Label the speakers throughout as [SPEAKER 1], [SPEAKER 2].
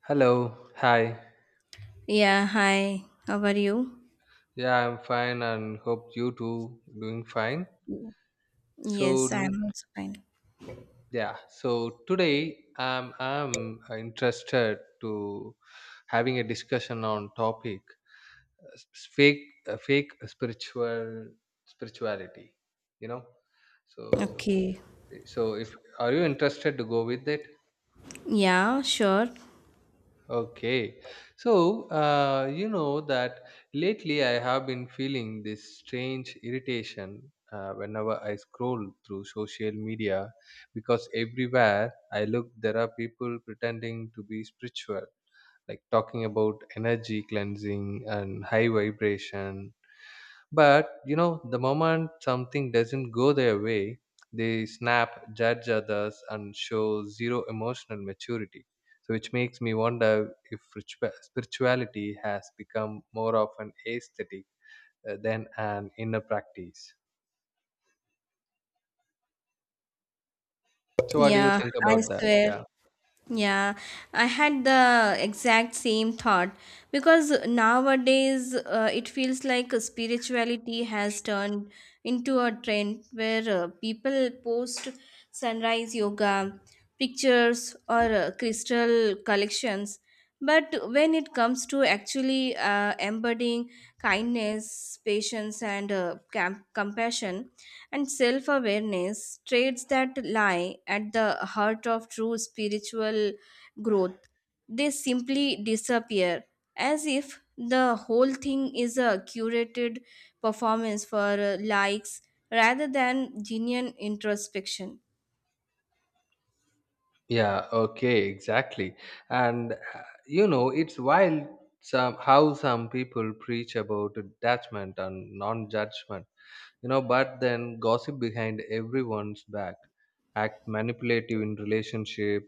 [SPEAKER 1] Hello, hi.
[SPEAKER 2] Yeah, hi. How are you?
[SPEAKER 1] Yeah, I'm fine and hope you too doing fine. So
[SPEAKER 2] Yes,
[SPEAKER 1] n-
[SPEAKER 2] I'm also fine.
[SPEAKER 1] yeah, so today I'm interested to having a discussion on topic uh, s- fake fake spirituality. You know, so
[SPEAKER 2] Okay.
[SPEAKER 1] so if are you interested to go with it?
[SPEAKER 2] Yeah, sure.
[SPEAKER 1] Okay. So, you know that lately I have been feeling this strange irritation whenever I scroll through social media because everywhere I look, there are people pretending to be spiritual, like talking about energy cleansing and high vibration, but you know, the moment something doesn't go their way, they snap, judge others, and show zero emotional maturity. So, which makes me wonder if spirituality has become more of an aesthetic than an inner practice. So, what do you
[SPEAKER 2] Yeah,
[SPEAKER 1] think
[SPEAKER 2] I
[SPEAKER 1] about that?
[SPEAKER 2] swear.
[SPEAKER 1] Yeah.
[SPEAKER 2] Yeah, I had the exact same thought because nowadays it feels like spirituality has turned into a trend where people post sunrise yoga pictures or crystal collections. But when it comes to actually embodying kindness, patience, and compassion, and self awareness, traits that lie at the heart of true spiritual growth, they simply disappear as if the whole thing is a curated performance for likes rather than genuine introspection.
[SPEAKER 1] Yeah, okay, exactly. And you know, it's wild some how some people preach about detachment and non-judgment, you know, but then gossip behind everyone's back, act manipulative in relationship,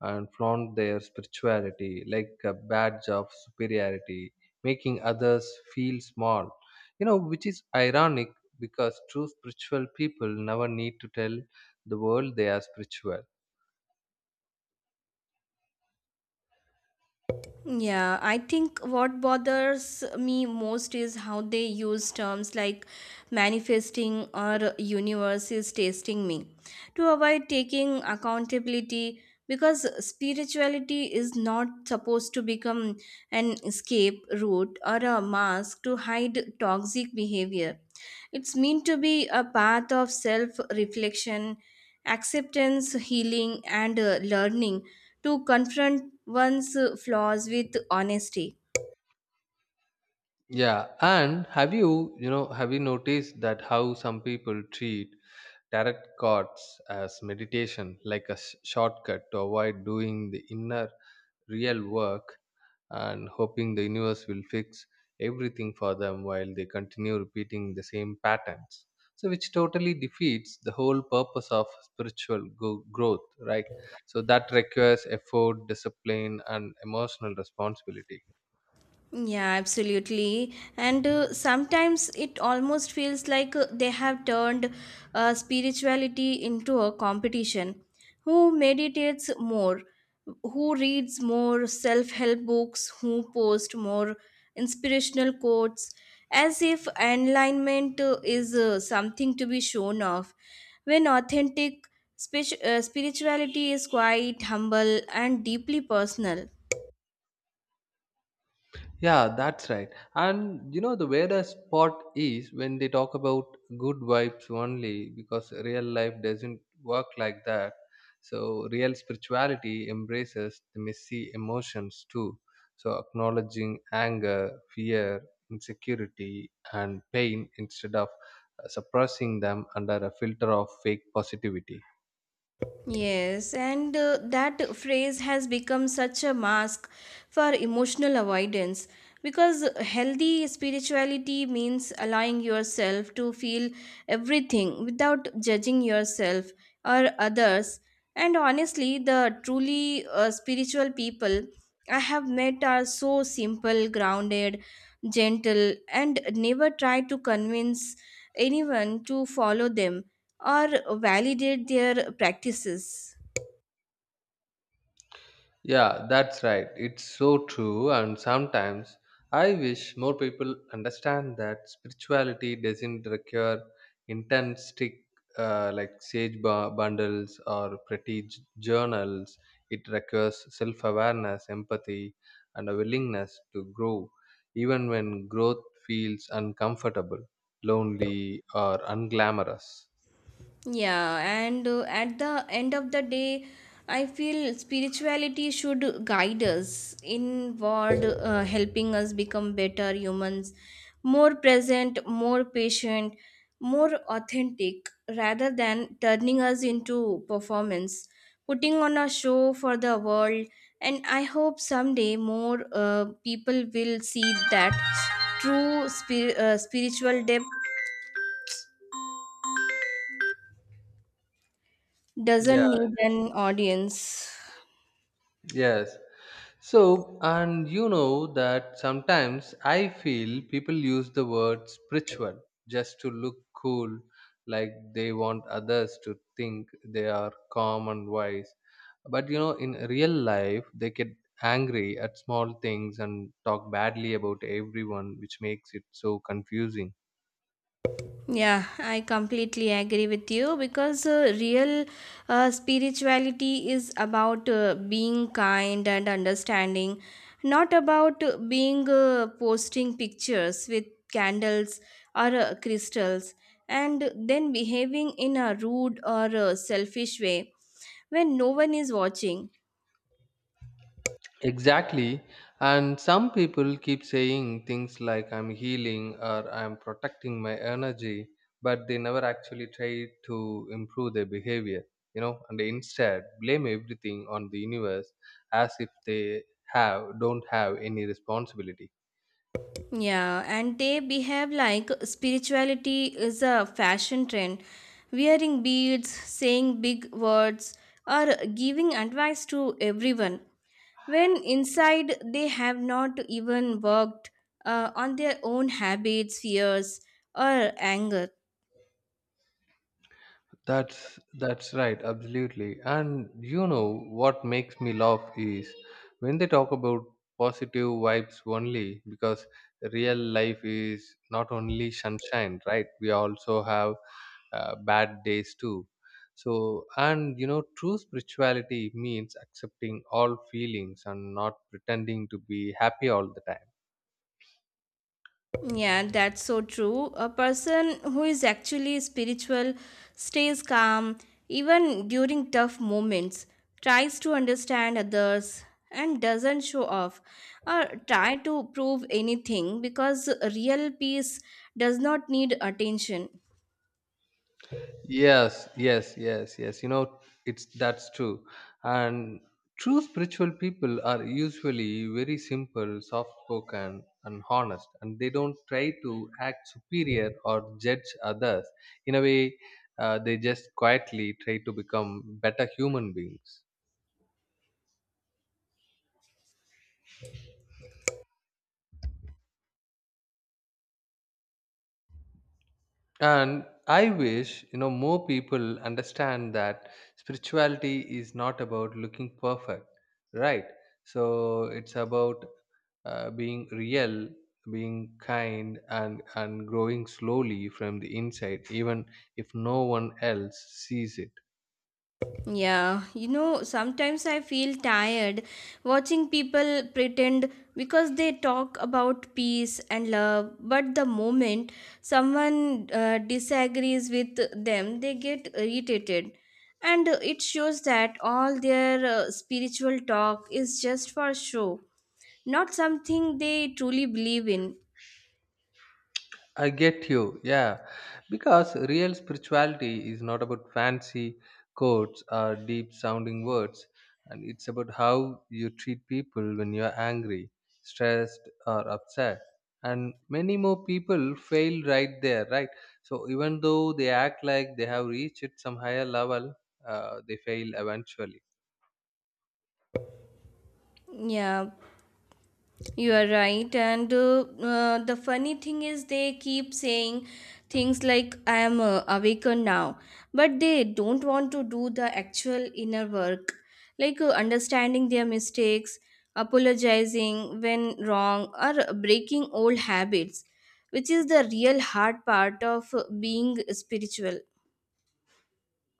[SPEAKER 1] and flaunt their spirituality like a badge of superiority, making others feel small, you know, which is ironic because true spiritual people never need to tell the world they are spiritual.
[SPEAKER 2] Yeah, I think what bothers me most is how they use terms like manifesting or universe is testing me to avoid taking accountability because spirituality is not supposed to become an escape route or a mask to hide toxic behavior. It's meant to be a path of self reflection, acceptance, healing, and learning to confront one's flaws with honesty.
[SPEAKER 1] Yeah, and have you noticed that how some people treat tarot cards as meditation, like a shortcut to avoid doing the inner real work and hoping the universe will fix everything for them while they continue repeating the same patterns? So, which totally defeats the whole purpose of spiritual growth, right? So, that requires effort, discipline, and emotional responsibility.
[SPEAKER 2] Yeah, absolutely. And sometimes it almost feels like they have turned spirituality into a competition. Who meditates more? Who reads more self help books? Who posts more inspirational quotes? As if enlightenment is something to be shown off. When authentic spirituality is quite humble and deeply personal.
[SPEAKER 1] Yeah, that's right. And you know, the weirdest part is when they talk about good vibes only, because real life doesn't work like that. So, real spirituality embraces the messy emotions too. So, acknowledging anger, fear, insecurity, and pain instead of suppressing them under a filter of fake positivity.
[SPEAKER 2] Yes, and that phrase has become such a mask for emotional avoidance because healthy spirituality means allowing yourself to feel everything without judging yourself or others. And honestly, the truly spiritual people I have met are so simple, grounded, gentle, and never try to convince anyone to follow them or validate their practices.
[SPEAKER 1] Yeah, that's right. It's so true. And sometimes I wish more people understand that spirituality doesn't require intense stick, like sage bundles or pretty journals. It requires self awareness, empathy, and a willingness to grow, even when growth feels uncomfortable, lonely, or unglamorous.
[SPEAKER 2] Yeah, and at the end of the day, I feel spirituality should guide us inward, helping us become better humans, more present, more patient, more authentic, rather than turning us into performance, putting on a show for the world. And I hope someday more people will see that true spiritual depth
[SPEAKER 1] Yeah,
[SPEAKER 2] doesn't need an audience.
[SPEAKER 1] yes. So, and you know that sometimes I feel people use the word spiritual just to look cool, like they want others to think they are calm and wise. But you know, in real life, they get angry at small things and talk badly about everyone, which makes it so confusing.
[SPEAKER 2] Yeah, I completely agree with you because real spirituality is about being kind and understanding, not about being posting pictures with candles or crystals and then behaving in a rude or selfish way when no one is watching.
[SPEAKER 1] Exactly. And some people keep saying things like I'm healing or I'm protecting my energy, but they never actually try to improve their behavior, you know, and they instead blame everything on the universe as if they have don't have any responsibility.
[SPEAKER 2] Yeah, and they behave like spirituality is a fashion trend. Wearing beads, saying big words, or giving advice to everyone. When inside they have not even worked on their own habits, fears, or anger.
[SPEAKER 1] That's right, absolutely. And you know what makes me laugh is when they talk about positive vibes only, because real life is not only sunshine, right? We also have bad days too. So, and you know, true spirituality means accepting all feelings and not pretending to be happy all the time.
[SPEAKER 2] Yeah, that's so true. A person who is actually spiritual stays calm even during tough moments, tries to understand others, and doesn't show off or try to prove anything because real peace does not need attention.
[SPEAKER 1] Yes, yes, yes, yes. You know, it's that's true. And true spiritual people are usually very simple, soft spoken, and honest, and they don't try to act superior or judge others. In a way, they just quietly try to become better human beings. And I wish, you know, more people understand that spirituality is not about looking perfect, right? So it's about being real, being kind, and growing slowly from the inside, even if no one else sees it.
[SPEAKER 2] Yeah, you know, sometimes I feel tired watching people pretend because they talk about peace and love, but the moment someone disagrees with them, they get irritated. And it shows that all their spiritual talk is just for show, not something they truly believe in.
[SPEAKER 1] I get you. Yeah. Because real spirituality is not about fancy quotes or deep sounding words, and it's about how you treat people when you're angry, stressed, or upset. And many more people fail right there, right? So even though they act like they have reached some higher level, they fail eventually.
[SPEAKER 2] Yeah, you are right. And the funny thing is, they keep saying things like, I am awakened now. But they don't want to do the actual inner work, like understanding their mistakes, apologizing when wrong, or breaking old habits, which is the real hard part of being spiritual.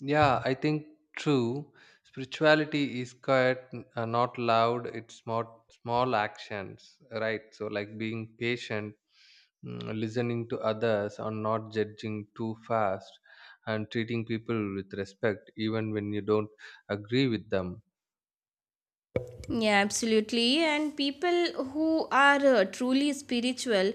[SPEAKER 1] Yeah, I think true. Spirituality is quiet, not loud. It's small, small actions, right? So, like being patient, mm, listening to others, or not judging too fast, and treating people with respect, even when you don't agree with them.
[SPEAKER 2] Yeah, absolutely. And people who are truly spiritual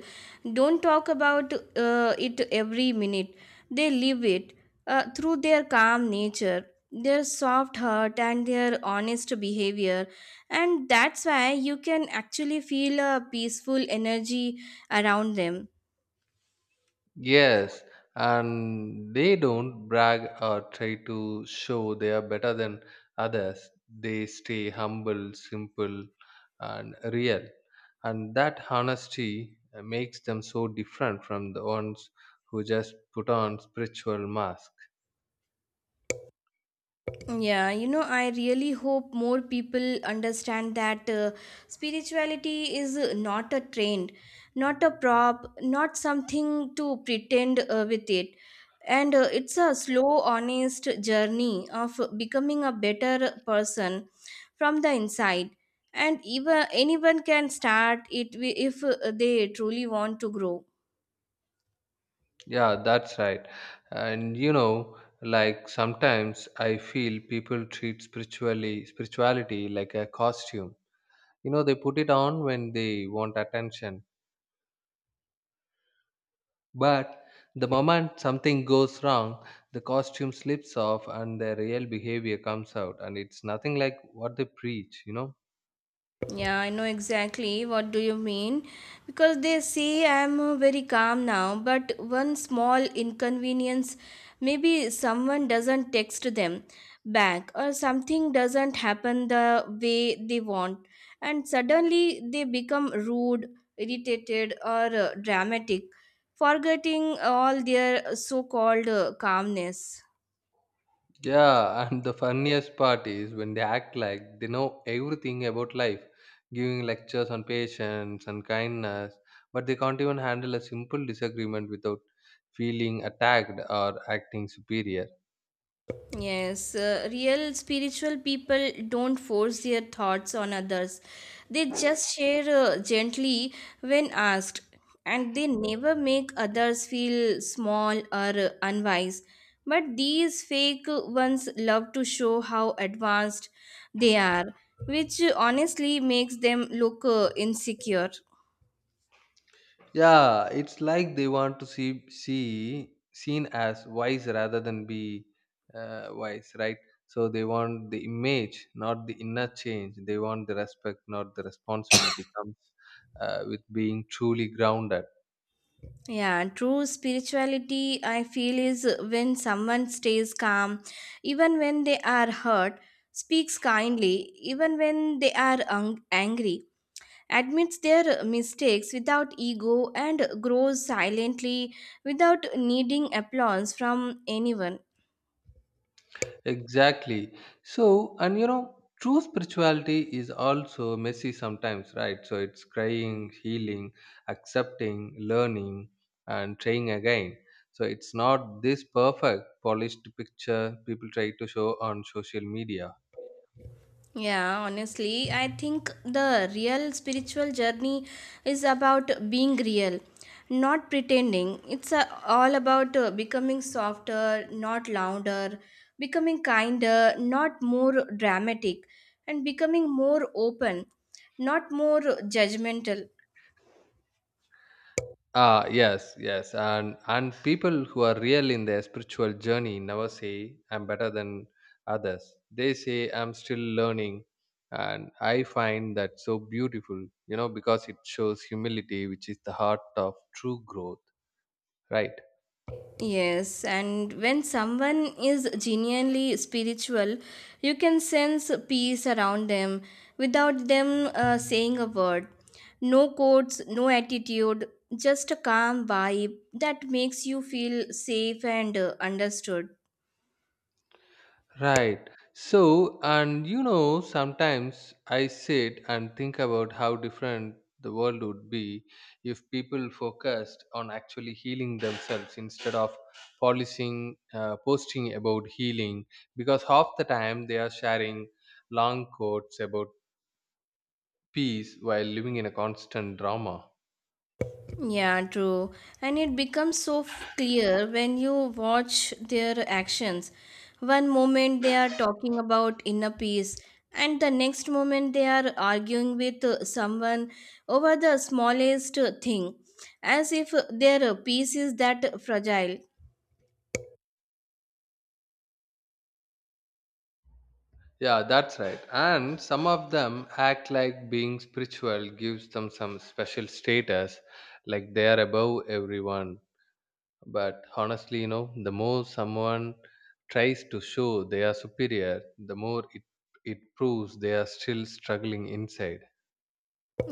[SPEAKER 2] don't talk about it every minute. They live it through their calm nature, their soft heart, and their honest behavior. And that's why you can actually feel a peaceful energy around them.
[SPEAKER 1] Yes, and they don't brag or try to show they are better than others. They stay humble, simple, and real. And that honesty makes them so different from the ones who just put on spiritual mask.
[SPEAKER 2] Yeah, you know, I really hope more people understand that spirituality is not a trend, not a prop, not something to pretend with it. And it's a slow, honest journey of becoming a better person from the inside. And even anyone can start it if they truly want to grow.
[SPEAKER 1] Yeah, that's right. And you know, like sometimes I feel people treat spiritually spirituality like a costume. You know, they put it on when they want attention. But the moment something goes wrong, the costume slips off and their real behavior comes out, and it's nothing like what they preach, you know?
[SPEAKER 2] Yeah, I know exactly what do you mean because they say I'm very calm now, but one small inconvenience maybe someone doesn't text them back or something doesn't happen the way they want and suddenly they become rude, irritated or dramatic, forgetting all their so-called calmness.
[SPEAKER 1] Yeah, and the funniest part is when they act like they know everything about life, giving lectures on patience and kindness, but they can't even handle a simple disagreement without feeling attacked or acting superior.
[SPEAKER 2] Yes, real spiritual people don't force their thoughts on others. They just share gently when asked, and they never make others feel small or unwise. But these fake ones love to show how advanced they are, which honestly makes them look insecure.
[SPEAKER 1] Yeah, it's like they want to see seen as wise rather than be wise, right? So they want the image, not the inner change. They want the respect, not the responsibility comes with being truly grounded.
[SPEAKER 2] Yeah, true spirituality, I feel, is when someone stays calm, even when they are hurt, speaks kindly, even when they are angry, admits their mistakes without ego, and grows silently without needing applause from anyone.
[SPEAKER 1] Exactly. So, and you know, true spirituality is also messy sometimes, right? So it's crying, healing, accepting, learning, and trying again. So it's not this perfect, polished picture people try to show on social media.
[SPEAKER 2] Yeah, honestly, I think the real spiritual journey is about being real, not pretending. It's all about becoming softer, not louder, becoming kinder, not more dramatic, and becoming more open, not more judgmental.
[SPEAKER 1] Ah, yes, yes, and people who are real in their spiritual journey never say I'm better than others. They say I'm still learning, and I find that so beautiful, you know, because it shows humility, which is the heart of true growth, right?
[SPEAKER 2] Yes, and when someone is genuinely spiritual, you can sense peace around them without them saying a word. No quotes, no attitude, just a calm vibe that makes you feel safe and understood.
[SPEAKER 1] Right. So, and you know, sometimes I sit and think about how different the world would be if people focused on actually healing themselves instead of posting about healing, because half the time they are sharing long quotes about peace while living in a constant drama.
[SPEAKER 2] Yeah, true. And it becomes so clear when you watch their actions. One moment they are talking about inner peace, and the next moment they are arguing with someone over the smallest thing, as if their peace is that fragile.
[SPEAKER 1] Yeah, that's right. And some of them act like being spiritual gives them some special status, like they are above everyone. But honestly, you know, the more someone tries to show they are superior, the more it proves they are still struggling inside.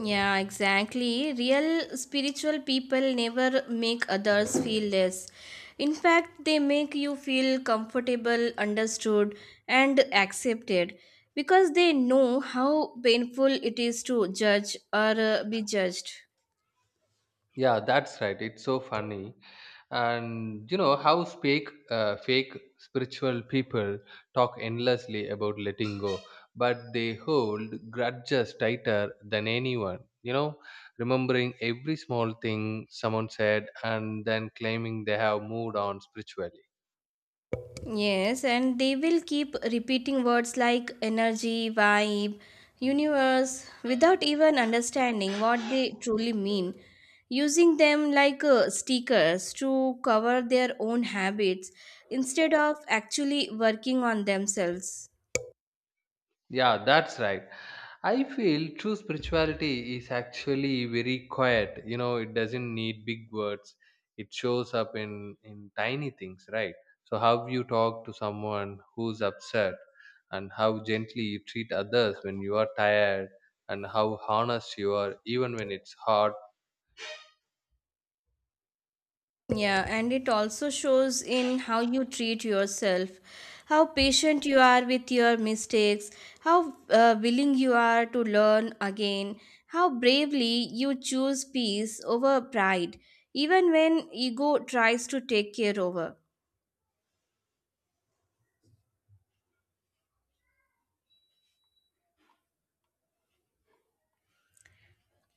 [SPEAKER 2] Yeah, exactly. Real spiritual people never make others feel less. In fact, they make you feel comfortable, understood, and accepted because they know how painful it is to judge or be judged.
[SPEAKER 1] Yeah, that's right. It's so funny. And you know how fake, fake spiritual people talk endlessly about letting go, but they hold grudges tighter than anyone. You know, remembering every small thing someone said and then claiming they have moved on spiritually.
[SPEAKER 2] Yes, and they will keep repeating words like energy, vibe, universe without even understanding what they truly mean, using them like stickers to cover their own habits instead of actually working on themselves.
[SPEAKER 1] Yeah, that's right. I feel true spirituality is actually very quiet. You know, it doesn't need big words. It shows up in tiny things, right? So how you talk to someone who's upset, and how gently you treat others when you are tired, and how honest you are even when it's hard.
[SPEAKER 2] Yeah, and it also shows in how you treat yourself, how patient you are with your mistakes, how willing you are to learn again, how bravely you choose peace over pride, even when ego tries to take care over.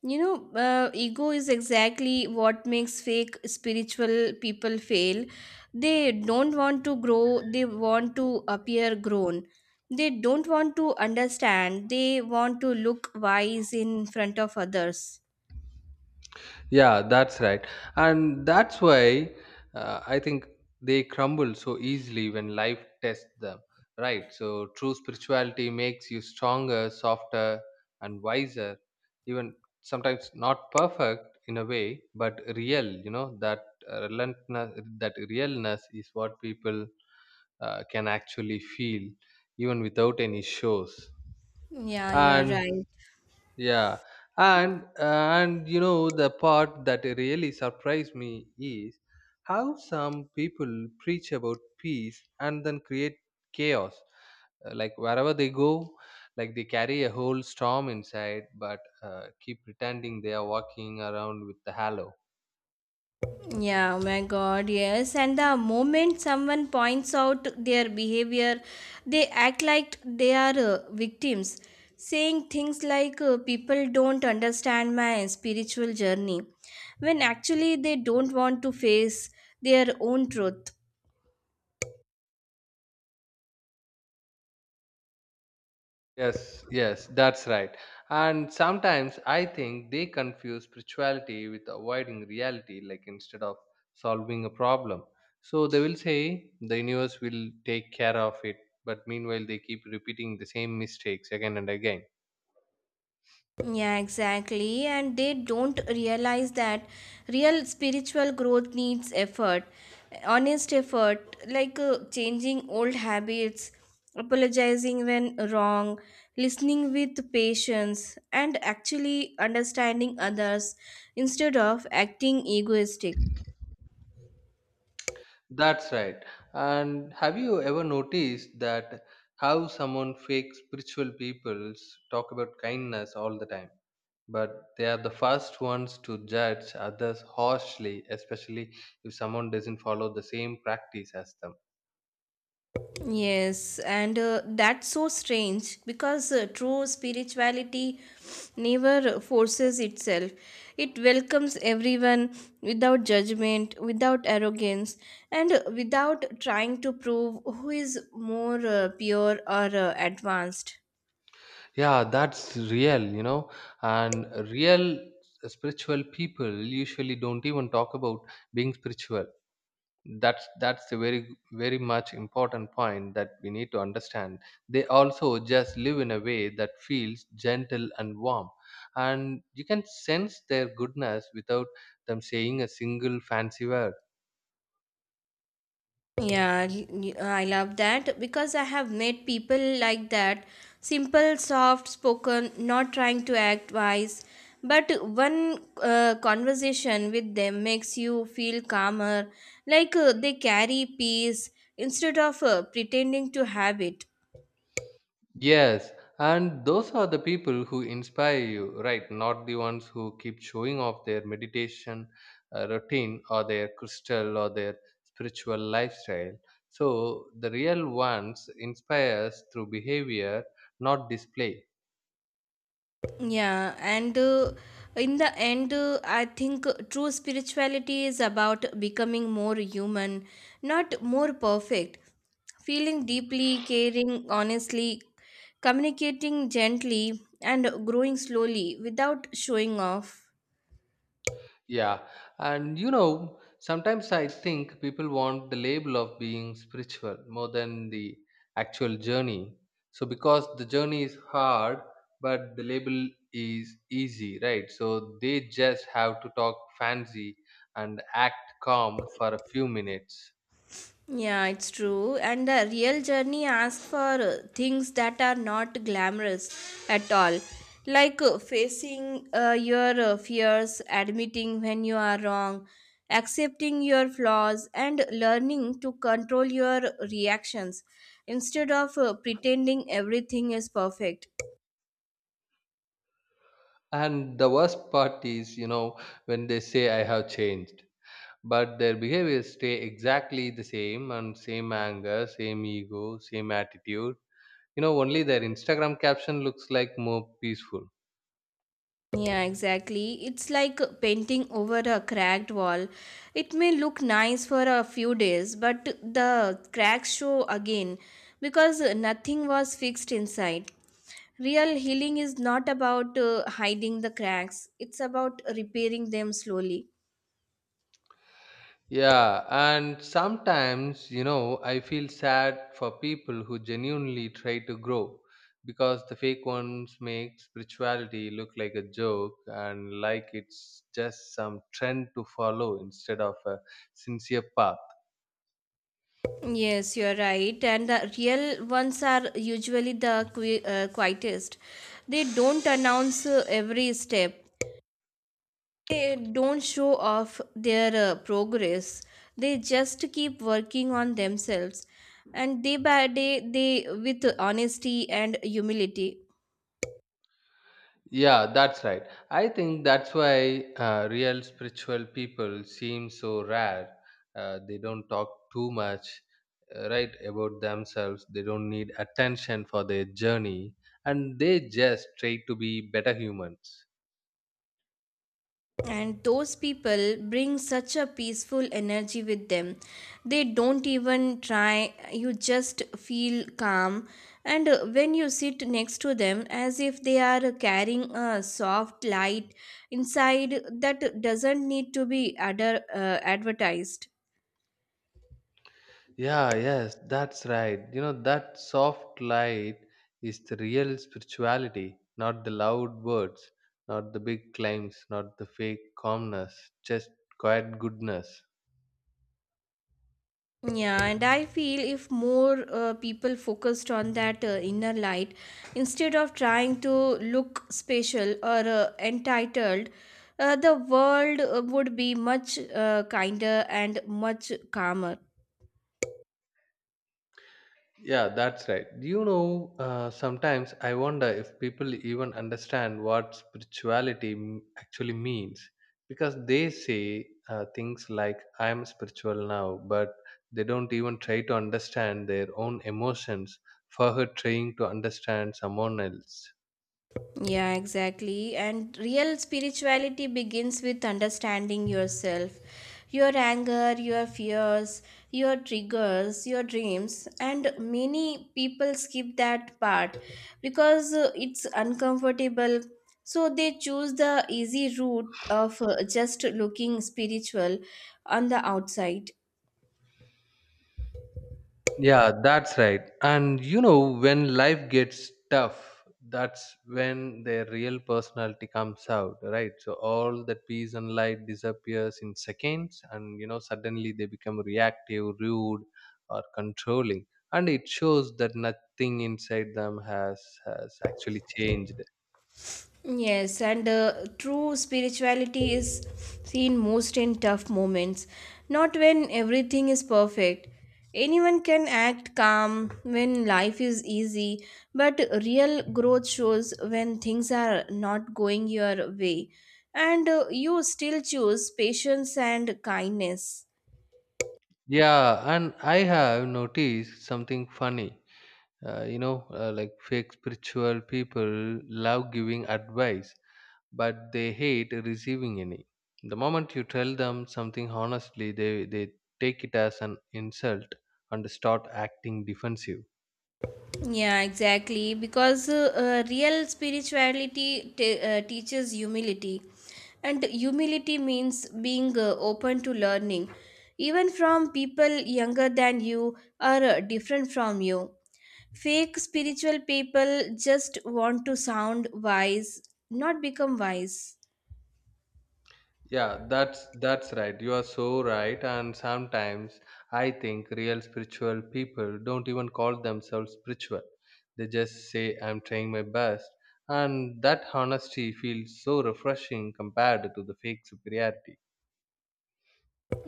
[SPEAKER 2] You know, ego is exactly what makes fake spiritual people fail. They don't want to grow, they want to appear grown. They don't want to understand, they want to look wise in front of others.
[SPEAKER 1] Yeah, that's right. And that's why I think they crumble so easily when life tests them, right? So, true spirituality makes you stronger, softer, and wiser, even sometimes not perfect in a way, but real, you know, that relentlessness, that realness is what people can actually feel, even without any shows.
[SPEAKER 2] Yeah, you are
[SPEAKER 1] And
[SPEAKER 2] right.
[SPEAKER 1] yeah, and you know the part that really surprised me is how some people preach about peace and then create chaos. Like wherever they go, like they carry a whole storm inside, but keep pretending they are walking around with the halo.
[SPEAKER 2] Yeah, oh my god, yes. And the moment someone points out their behavior, they act like they are victims, saying things like, people don't understand my spiritual journey, when actually they don't want to face their own truth.
[SPEAKER 1] Yes, yes, that's right. And sometimes I think they confuse spirituality with avoiding reality, like instead of solving a problem. So they will say the universe will take care of it, but meanwhile they keep repeating the same mistakes again and again.
[SPEAKER 2] Yeah, exactly. And they don't realize that real spiritual growth needs effort, honest effort, like changing old habits, apologizing when wrong, listening with patience, and actually understanding others instead of acting egoistic.
[SPEAKER 1] That's right. And have you ever noticed that how someone fake spiritual peoples talk about kindness all the time? But they are the first ones to judge others harshly, especially if someone doesn't follow the same practice as them.
[SPEAKER 2] Yes, and that's so strange because true spirituality never forces itself. It welcomes everyone without judgment, without arrogance, and without trying to prove who is more pure or advanced.
[SPEAKER 1] Yeah, that's real, you know, and real spiritual people usually don't even talk about being spiritual. That's a very very much important point that we need to understand. They also just live in a way that feels gentle and warm, and you can sense their goodness without them saying a single fancy word.
[SPEAKER 2] Yeah, I love that because I have met people like that. Simple, soft spoken, not trying to act wise. But one conversation with them makes you feel calmer, like they carry peace instead of pretending to have it.
[SPEAKER 1] Yes, and those are the people who inspire you, right? Not the ones who keep showing off their meditation routine or their crystal or their spiritual lifestyle. So the real ones inspires through behavior, not display.
[SPEAKER 2] Yeah, and in the end, I think true spirituality is about becoming more human, not more perfect. Feeling deeply, caring honestly, communicating gently, and growing slowly without showing off.
[SPEAKER 1] Yeah, and you know, sometimes I think people want the label of being spiritual more than the actual journey. So, because the journey is hard, but the label is easy, right? So, they just have to talk fancy and act calm for a few minutes.
[SPEAKER 2] Yeah, it's true. And the real journey asks for things that are not glamorous at all, like facing your fears, admitting when you are wrong, accepting your flaws, and learning to control your reactions instead of pretending everything is perfect.
[SPEAKER 1] And the worst part is, you know, when they say, I have changed. But their behaviors stay exactly the same, and same anger, same ego, same attitude. You know, only their Instagram caption looks like more peaceful.
[SPEAKER 2] Yeah, exactly. It's like painting over a cracked wall. It may look nice for a few days, but the cracks show again because nothing was fixed inside. Real healing is not about hiding the cracks, it's about repairing them slowly.
[SPEAKER 1] Yeah, and sometimes, you know, I feel sad for people who genuinely try to grow because the fake ones make spirituality look like a joke and like it's just some trend to follow instead of a sincere path.
[SPEAKER 2] Yes, you're right. And the real ones are usually the quietest. They don't announce every step. They don't show off their progress. They just keep working on themselves and day by day they with honesty and humility.
[SPEAKER 1] Yeah, that's right. I think that's why real spiritual people seem so rare. They don't talk too much, right, about themselves. They don't need attention for their journey, and they just try to be better humans.
[SPEAKER 2] And those people bring such a peaceful energy with them. They don't even try. You just feel calm, and when you sit next to them, as if they are carrying a soft light inside that doesn't need to be advertised.
[SPEAKER 1] Yeah, yes, that's right. You know, that soft light is the real spirituality, not the loud words, not the big claims, not the fake calmness, just quiet goodness.
[SPEAKER 2] Yeah, and I feel if more people focused on that inner light instead of trying to look special or entitled, the world would be much kinder and much calmer.
[SPEAKER 1] Yeah, that's right. You know, sometimes I wonder if people even understand what spirituality actually means because they say things like, I'm spiritual now, but they don't even try to understand their own emotions for her trying to understand someone else.
[SPEAKER 2] Yeah, exactly. And real spirituality begins with understanding yourself, your anger, your fears, your triggers, your dreams. And many people skip that part because it's uncomfortable. So they choose the easy route of just looking spiritual on the outside.
[SPEAKER 1] Yeah, that's right. And you know, when life gets tough, that's when their real personality comes out, right? So all that peace and light disappears in seconds, and you know, suddenly they become reactive, rude, or controlling. And it shows that nothing inside them has actually changed.
[SPEAKER 2] Yes, and true spirituality is seen most in tough moments, not when everything is perfect. Anyone can act calm when life is easy, but real growth shows when things are not going your way, and you still choose patience and kindness.
[SPEAKER 1] Yeah, and I have noticed something funny. Like fake spiritual people love giving advice but they hate receiving any. The moment you tell them something honestly, they take it as an insult and start acting defensive.
[SPEAKER 2] Yeah, exactly. Because real spirituality teaches humility, and humility means being open to learning, even from people younger than you or different from you. Fake spiritual people just want to sound wise, not become wise.
[SPEAKER 1] Yeah, that's right. You are so right. And sometimes I think real spiritual people don't even call themselves spiritual. They just say I'm trying my best. And that honesty feels so refreshing compared to the fake superiority.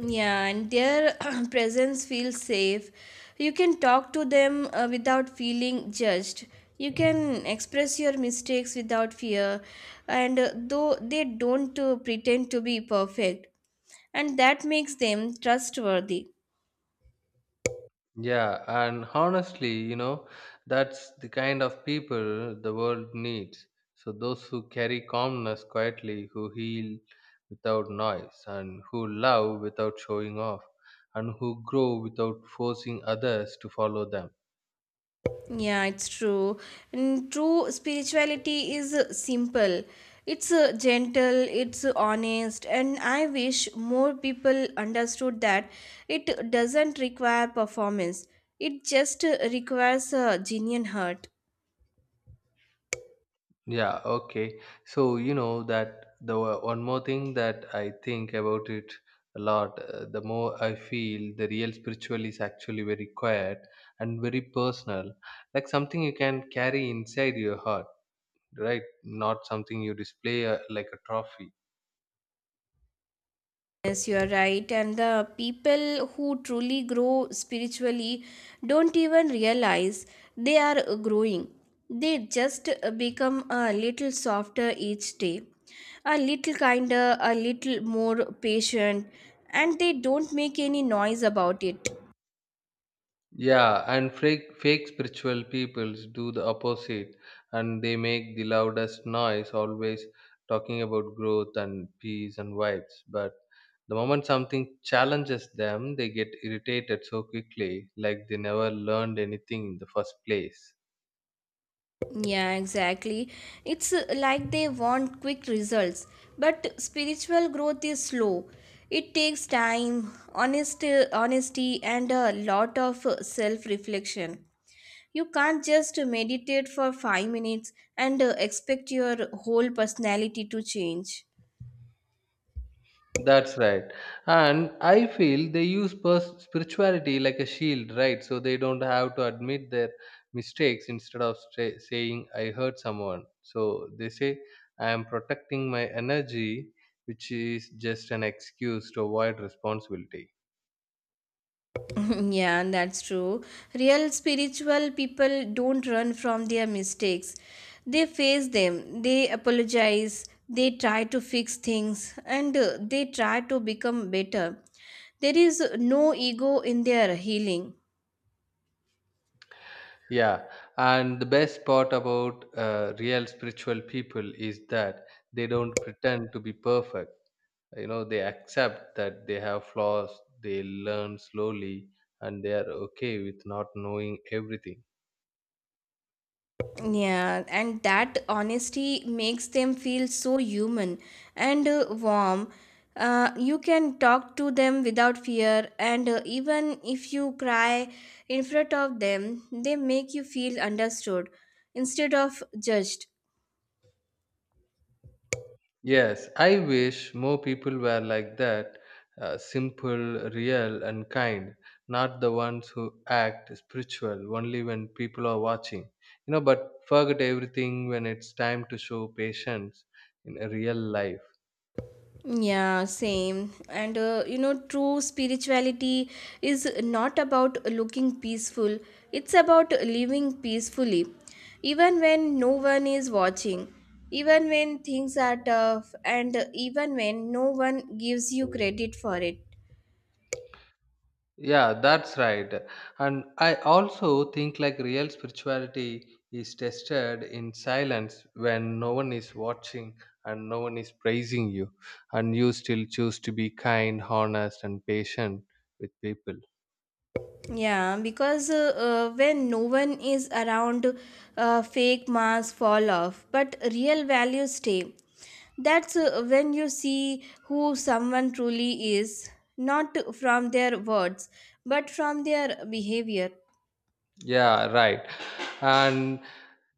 [SPEAKER 2] Yeah, and their presence feels safe. You can talk to them without feeling judged. You can express your mistakes without fear, and though they don't pretend to be perfect, and that makes them trustworthy.
[SPEAKER 1] Yeah, and honestly, you know, that's the kind of people the world needs. So, those who carry calmness quietly, who heal without noise, and who love without showing off, and who grow without forcing others to follow them.
[SPEAKER 2] Yeah, it's true. And true spirituality is simple. It's gentle, it's honest, and I wish more people understood that it doesn't require performance. It just requires a genuine heart.
[SPEAKER 1] Yeah, okay. So, you know that the one more thing that I think about it a lot, the more I feel the real spiritual is actually very quiet and very personal, like something you can carry inside your heart, right? Not something you display like a trophy.
[SPEAKER 2] Yes, you are right. And the people who truly grow spiritually don't even realize they are growing. They just become a little softer each day, a little kinder, a little more patient, and they don't make any noise about it.
[SPEAKER 1] Yeah, and fake spiritual peoples do the opposite, and they make the loudest noise, always talking about growth and peace and vibes. But the moment something challenges them, they get irritated so quickly, like they never learned anything in the first place.
[SPEAKER 2] Yeah, exactly. It's like they want quick results, but spiritual growth is slow. It takes time, honesty, and a lot of self reflection. You can't just meditate for 5 minutes and expect your whole personality to change.
[SPEAKER 1] That's right. And I feel they use spirituality like a shield, right? So they don't have to admit their mistakes instead of saying, I hurt someone. So they say, I am protecting my energy, which is just an excuse to avoid responsibility.
[SPEAKER 2] Yeah, that's true. Real spiritual people don't run from their mistakes. They face them, they apologize, they try to fix things, and they try to become better. There is no ego in their healing.
[SPEAKER 1] Yeah. And the best part about real spiritual people is that they don't pretend to be perfect, you know, they accept that they have flaws, they learn slowly, and they are okay with not knowing everything.
[SPEAKER 2] Yeah, and that honesty makes them feel so human and warm. You can talk to them without fear, and even if you cry in front of them, they make you feel understood instead of judged.
[SPEAKER 1] Yes, I wish more people were like that, simple, real, and kind. Not the ones who act spiritual only when people are watching, you know, but forget everything when it's time to show patience in a real life.
[SPEAKER 2] Yeah, same. And you know, true spirituality is not about looking peaceful, it's about living peacefully, even when no one is watching, even when things are tough, and even when no one gives you credit for it.
[SPEAKER 1] Yeah, that's right. And I also think like real spirituality is tested in silence when no one is watching and no one is praising you, and you still choose to be kind, honest, and patient with people.
[SPEAKER 2] Yeah, because when no one is around, fake masks fall off, but real values stay. That's when you see who someone truly is, not from their words, but from their behavior.
[SPEAKER 1] Yeah, right. And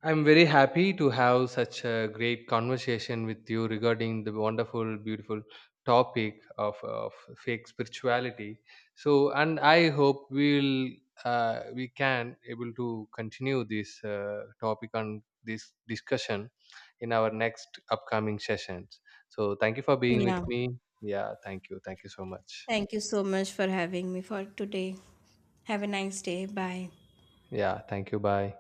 [SPEAKER 1] I'm very happy to have such a great conversation with you regarding the wonderful, beautiful topic of fake spirituality. So, and I hope we'll we can able to continue this topic and this discussion in our next upcoming sessions. So, thank you for being with
[SPEAKER 2] Yeah.
[SPEAKER 1] me. Yeah, thank you. Thank you so much.
[SPEAKER 2] Thank you so much for having me for today. Have a nice day. Bye.
[SPEAKER 1] Yeah, thank you. Bye.